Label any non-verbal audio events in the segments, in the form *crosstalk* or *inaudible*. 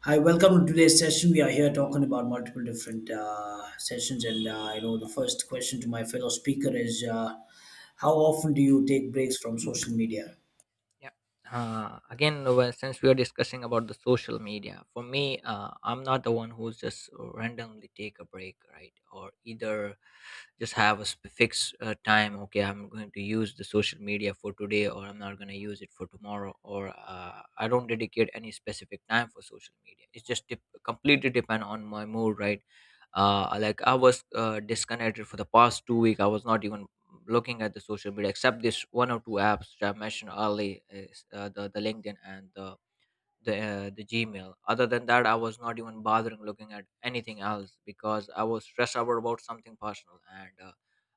Hi, welcome to today's session. We are here talking about multiple different sessions, and you know the first question to my fellow speaker is, how often do you take breaks from social media? Yeah. Well, since we are discussing about the social media, for me, I'm not the one who's just randomly take a break, right? Or either just have a fixed time. Okay, I'm going to use the social media for today, or I'm not going to use it for tomorrow, or I don't dedicate any specific time for social media. It's just dep completely depend on my mood, right? Like I was disconnected for the past 2 weeks. I was not even looking at the social media except this one or two apps which I mentioned earlier, is, the LinkedIn and the Gmail. Other than that, I was not even bothering looking at anything else because I was stressed out about something personal, and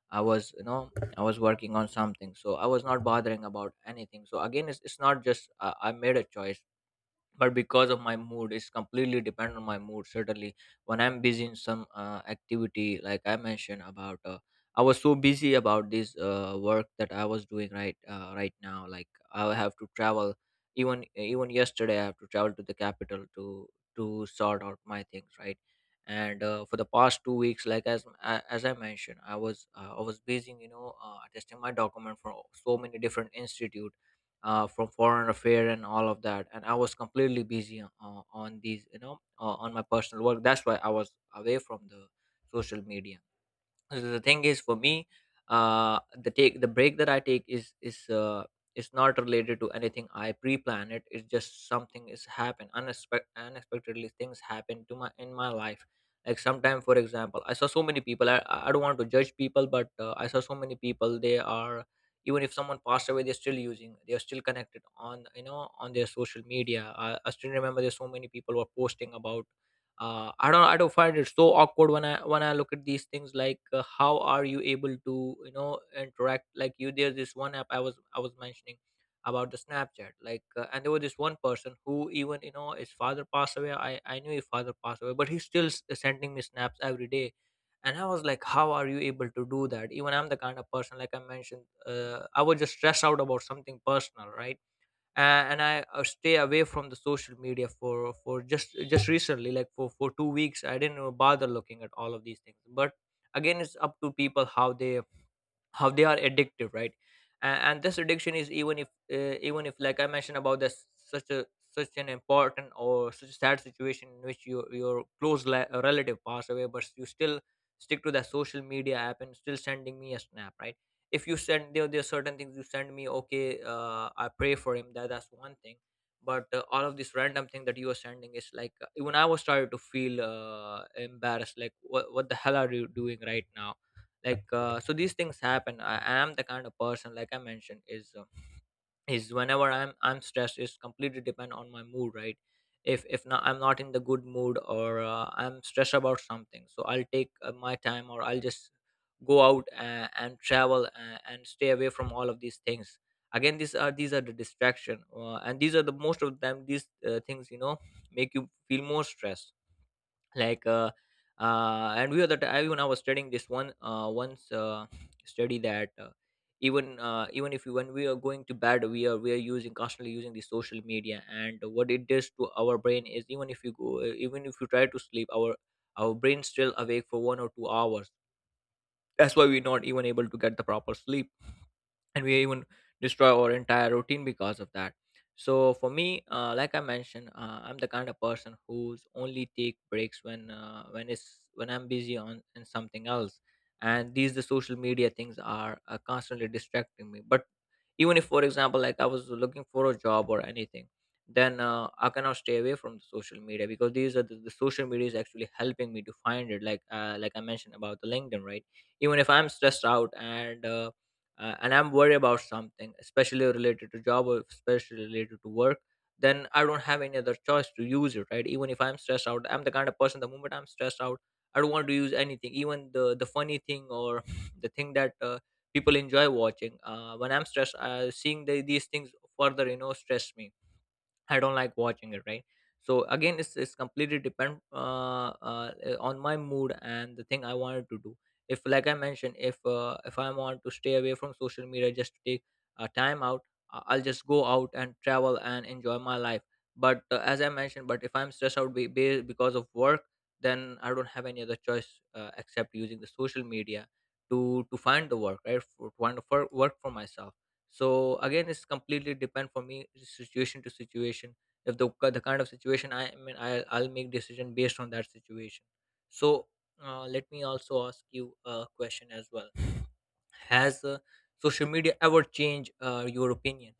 I was I was working on something, so I was not bothering about anything. So again, it's not just I made a choice, but because of my mood. It's completely depend on my mood. Certainly when I'm busy in some activity, like I mentioned about I was so busy about this work that I was doing, right? Right now, like, I have to travel. Even even yesterday I have to travel to the capital to sort out my things, right? And for the past 2 weeks, like, as I mentioned, I was I was busy, attesting my document for so many different institutes, from foreign affair and all of that. And I was completely busy on these, on my personal work. That's why I was away from the social media. So the thing is, for me, the break that I take is not related to anything. I pre-plan it. It's just something is happen unexpectedly. Things happen to my in my life. Like sometime, for example, I saw so many people. I don't want to judge people, but I saw so many people. They are, even if someone passed away, they're still using, they're still connected on, on their social media. I still remember there's so many people were posting about I don't find it so awkward when I look at these things. Like, how are you able to, interact? Like, you, there's this one app I was mentioning about, the Snapchat, like. And there was this one person who, even, his father passed away. I knew his father passed away, but he's still sending me snaps every day. And I was like, how are you able to do that? Even I'm the kind of person, like I mentioned, I was just stressed out about something personal, right? uh, and I stay away from the social media for just recently, like for 2 weeks. I didn't bother looking at all of these things. But again, it's up to people how they, how they are addictive, right? And this addiction is, even if even if like I mentioned about this such a, such an important or such a sad situation in which your close relative passed away, but you still stick to the social media app and still sending me a snap, right? If you send, there are certain things you send me, okay, I pray for him, that that's one thing. But all of this random thing that you are sending is like, even I was started to feel embarrassed, like, what the hell are you doing right now? Like, so these things happen. I am the kind of person, like I mentioned, is whenever I'm stressed, it's completely depend on my mood, right? If not, I'm not in the good mood, or I'm stressed about something, so I'll take my time, or I'll just go out and travel and stay away from all of these things. Again, these are the distraction, and these are the most of them, these things, make you feel more stressed. Like and we were that Even I was studying this one once study that even if you, when we are going to bed, we are using, constantly using the social media, and what it does to our brain is, even if you go even if you try to sleep, our brain still awake for 1 or 2 hours. That's why we're not even able to get the proper sleep, and we even destroy our entire routine because of that. So for me, like I mentioned, I'm the kind of person who's only take breaks when it's when I'm busy on in something else, and these, the social media things are constantly distracting me. But even if, for example, like I was looking for a job or anything, then I cannot stay away from the social media, because these are the social media is actually helping me to find it. Like, like I mentioned about the LinkedIn, right? Even if I'm stressed out and I'm worried about something, especially related to job or especially related to work, then I don't have any other choice to use it, right? Even if I'm stressed out, I'm the kind of person. The moment I'm stressed out, I don't want to use anything, even the funny thing, or *laughs* the thing that people enjoy watching. When I'm stressed, seeing these things further, stress me. I don't like watching it, right? So again, it's completely depend on my mood and the thing I wanted to do. If, like I mentioned, if I want to stay away from social media just to take time out, I'll just go out and travel and enjoy my life. But as I mentioned, but if I'm stressed out because of work, then I don't have any other choice except using the social media to find the work, right? For, to find the work for myself. So again, it's completely depend for me situation to situation. If the, the kind of situation I am in, I'll make decision based on that situation. So let me also ask you a question as well. Has social media ever changed your opinion?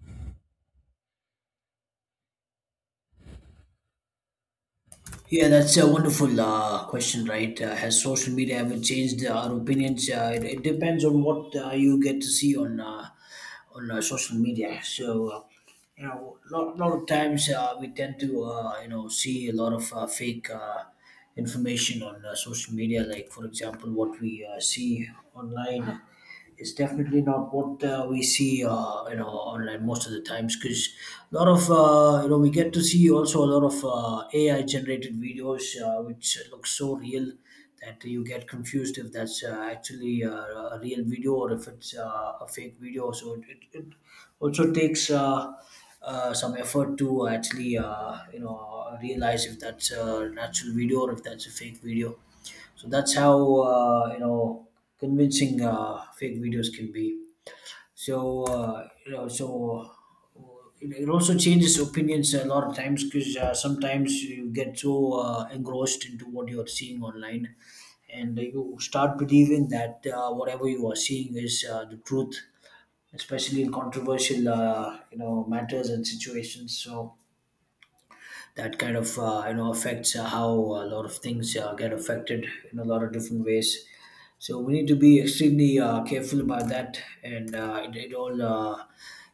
Yeah, that's a wonderful question, right? Has social media ever changed our opinions? It depends on what you get to see on social media. You know, a lot of times we tend to, you know, see a lot of fake information on social media. Like, for example, what we see online, it's definitely not what we see you know online most of the times because a lot of you know we get to see also a lot of AI generated videos which look so real that you get confused if that's actually a real video or if it's a fake video. It also takes some effort to actually you know realize if that's a natural video or if that's a fake video. So that's how you know convincing fake videos can be. You know, so it also changes opinions a lot of times because sometimes you get so engrossed into what you're seeing online, and you start believing that whatever you are seeing is the truth, especially in controversial you know matters and situations. So that kind of you know affects how a lot of things get affected in a lot of different ways. So we need to be extremely careful about that, and it, it all. You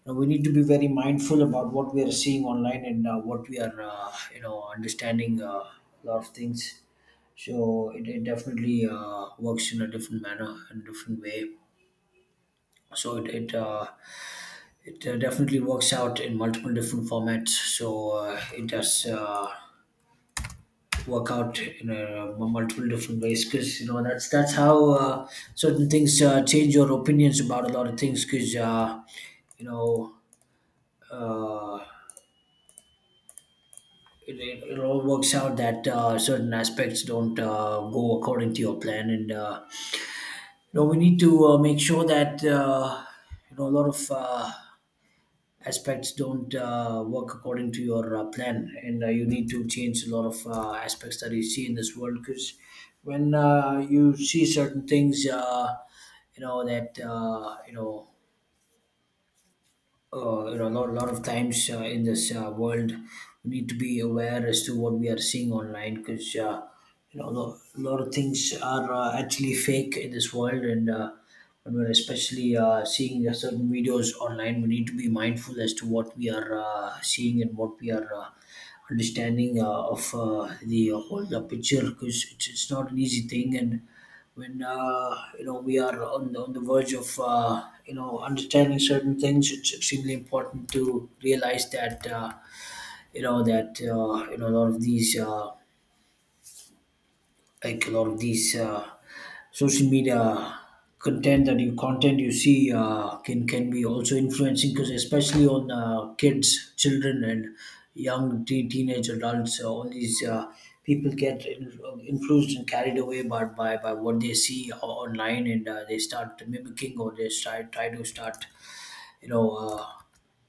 know, we need to be very mindful about what we are seeing online and what we are, you know, understanding a lot of things. So it definitely works in a different manner, in a different way. So it definitely works out in multiple different formats. So it does work out in multiple different ways because you know that's how certain things change your opinions about a lot of things because you know uh, it all works out that certain aspects don't go according to your plan, and you know we need to make sure that you know a lot of aspects don't work according to your plan, and you need to change a lot of aspects that you see in this world. Because when you see certain things you know that you know a lot of times in this world, we need to be aware as to what we are seeing online because you know a lot of things are actually fake in this world, and when we're especially seeing certain videos online, we need to be mindful as to what we are seeing and what we are understanding of the picture because it's not an easy thing. And when you know we are on the verge of you know understanding certain things, it's extremely important to realize that you know that you know a lot of these. Like a lot of these social media content you see can be also influencing because especially on kids, children and young teenage adults. All these people get in- influenced and carried away by what they see online, and they start mimicking or they try to start you know uh,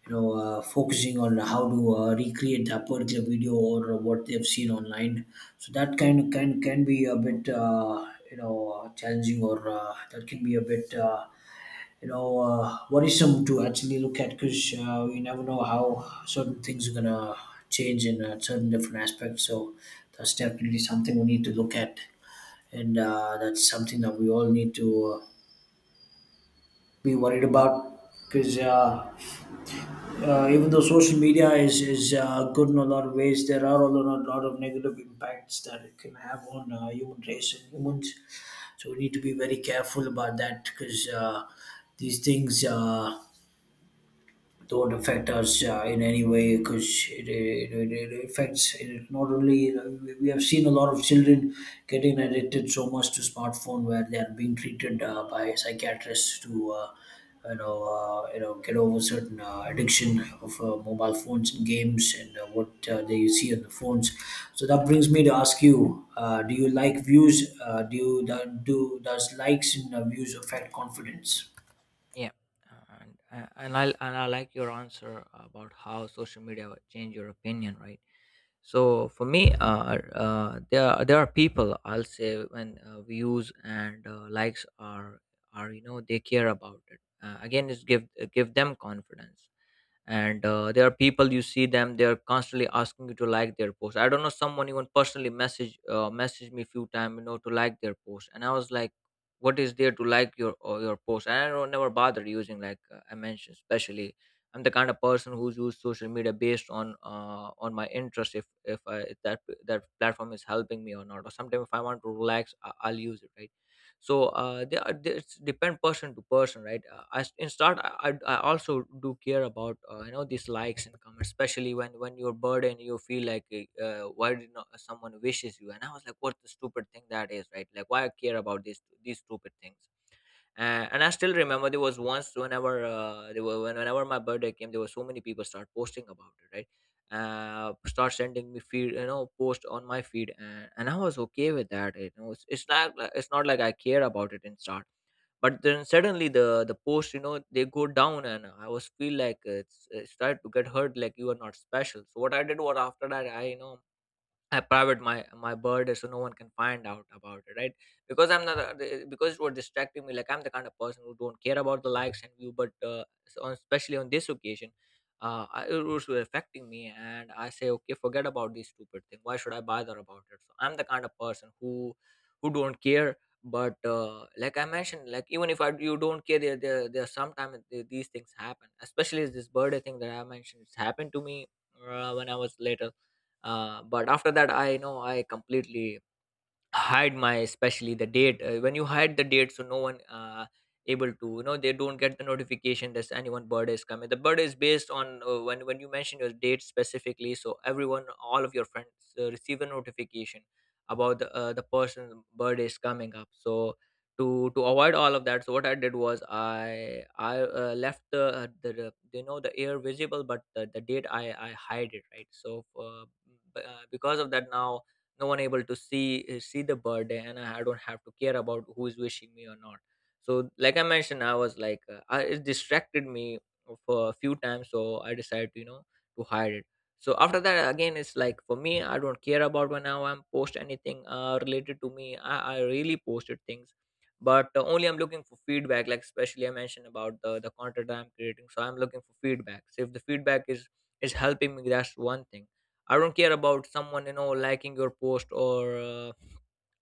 focusing on how to recreate a particular video or what they've seen online. So that kind of can be a bit challenging, or that can be a bit worrisome to actually look at because we never know how certain things are gonna change in certain different aspects. So that's definitely something we need to look at, and that's something that we all need to uh, be worried about because even though social media is good in a lot of ways, there are a lot of negative impacts that it can have on human race and humans. So we need to be very careful about that because these things don't affect us in any way because it affects it. Not only, we have seen a lot of children getting addicted so much to smartphone where they are being treated by psychiatrists to you know get over certain addiction of mobile phones and games and what they see on the phones. So that brings me to ask you, do you like views, do you do, does likes and views affect confidence? Yeah, and I like your answer about how social media would change your opinion, right? So for me, there are people, I'll say, when views and likes are, they care about it. Again, it's give give them confidence. And there are people, you see them, they are constantly asking you to like their post. I don't know, someone even personally messaged me few time, to like their post. And I was like, what is there to like your or your post? And I don't never bother using, like I mentioned. Especially I'm the kind of person who's used social media based on my interest, if if that, that platform is helping me or not, or sometimes if I want to relax, I'll use it, right? So they are it's depend person to person, right? In start, I also do care about these likes and comments, especially when you're burdened, you feel like, why did not someone wishes you? And I was like, what the stupid thing that is, right? Like, why I care about these stupid things? And I still remember there was once, whenever there were whenever my birthday came, there were so many people start posting about it, right? Start sending me feed, post on my feed. And I was okay with that, it's not like, it's not like I care about it in start. But then suddenly the post, they go down, and I was feel like it's started to get hurt, like, you are not special. So what I did was after that, I, I private my bird, so no one can find out about it, right? Because I'm not a- because it was distracting me. Like, I'm the kind of person who don't care about the likes and view, but especially on this occasion, it was affecting me. And I say, okay, forget about this stupid thing. Why should I bother about it? So I'm the kind of person who don't care. But like I mentioned, like even if you don't care, there sometimes these things happen. Especially this birthday thing that I mentioned, it's happened to me when I was later. But after that, I know I completely hide my, especially the date. When you hide the date, so no one able to, they don't get the notification that anyone birthday is coming. The birthday is based on when you mention your date specifically, so everyone, all of your friends receive a notification about the person birthday is coming up. So to avoid all of that, so what I did was I left the you know the air visible, but the date I hide it, right? So because of that, now no one able to see the birthday, and I don't have to care about who is wishing me or not. So like I mentioned, I was like, it distracted me for a few times, so I decided to you know to hide it. So after that, again, it's like for me, I don't care about when I am post anything related to me. I really posted things, but only I'm looking for feedback. Like, especially I mentioned about the content that I'm creating, so I'm looking for feedback. So if the feedback is helping me, that's one thing. I don't care about someone liking your post, or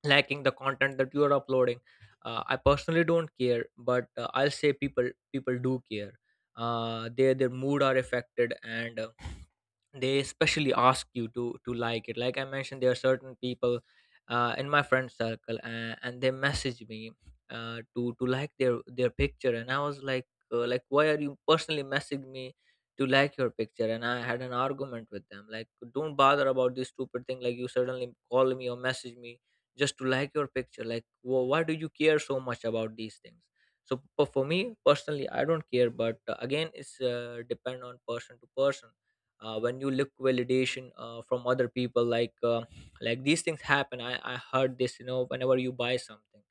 liking the content that you are uploading. I personally don't care, but I'll say people do care. Their mood are affected, and they especially ask you to like it. Like I mentioned, there are certain people in my friend circle, and they message me to like their picture. And I was like, like, why are you personally messaging me to like your picture? And I had an argument with them, like, don't bother about this stupid thing. Like, you suddenly call me or message me just to like your picture. Like why do you care so much about these things? So for me personally, I don't care. But again, it's depend on person to person. When you look validation from other people, like these things happen. I heard this, whenever you buy something,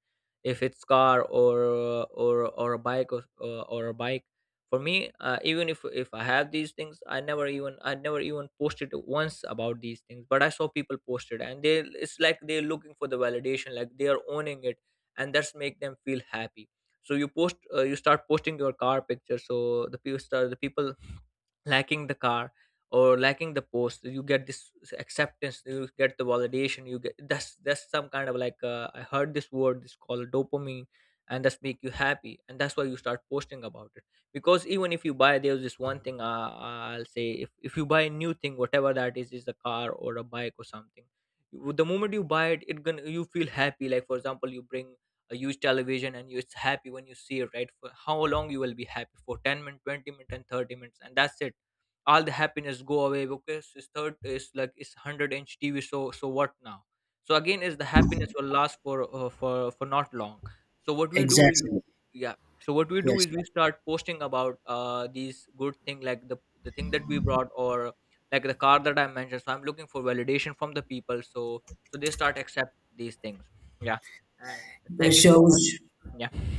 if it's car, or a bike for me, even if I have these things, I never even posted once about these things, but I saw people posted, and they it's like they're looking for the validation, like they are owning it, and that's make them feel happy. So you start posting your car picture, so the people liking the car, or liking the post, you get this acceptance, you get the validation, you get that's some kind of, like, I heard this word, it's called dopamine, and that's make you happy, and that's why you start posting about it. Because even if you buy, there's this one thing. I'll say, if you buy a new thing, whatever that is a car or a bike or something, the moment you buy it gonna you feel happy. Like, for example, you bring a used television and you're happy when you see it, right? For how long you will be happy? For 10 minutes, 20 minutes, and 30 minutes, and that's it. All the happiness go away, because his third is like, it's 100-inch TV. So what now? So again, is the happiness will last for not long. So what we do is Exactly. Yeah. So what we do Yes. is we start posting about these good thing, like the thing that we brought, or like the car that I mentioned. So I'm looking for validation from the people, so they start accept these things. Yeah. And It thank you so much. shows. Yeah.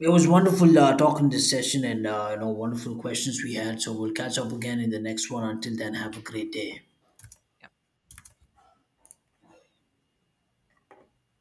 It was wonderful talking this session, and you know wonderful questions we had. So we'll catch up again in the next one. Until then, have a great day. Yeah.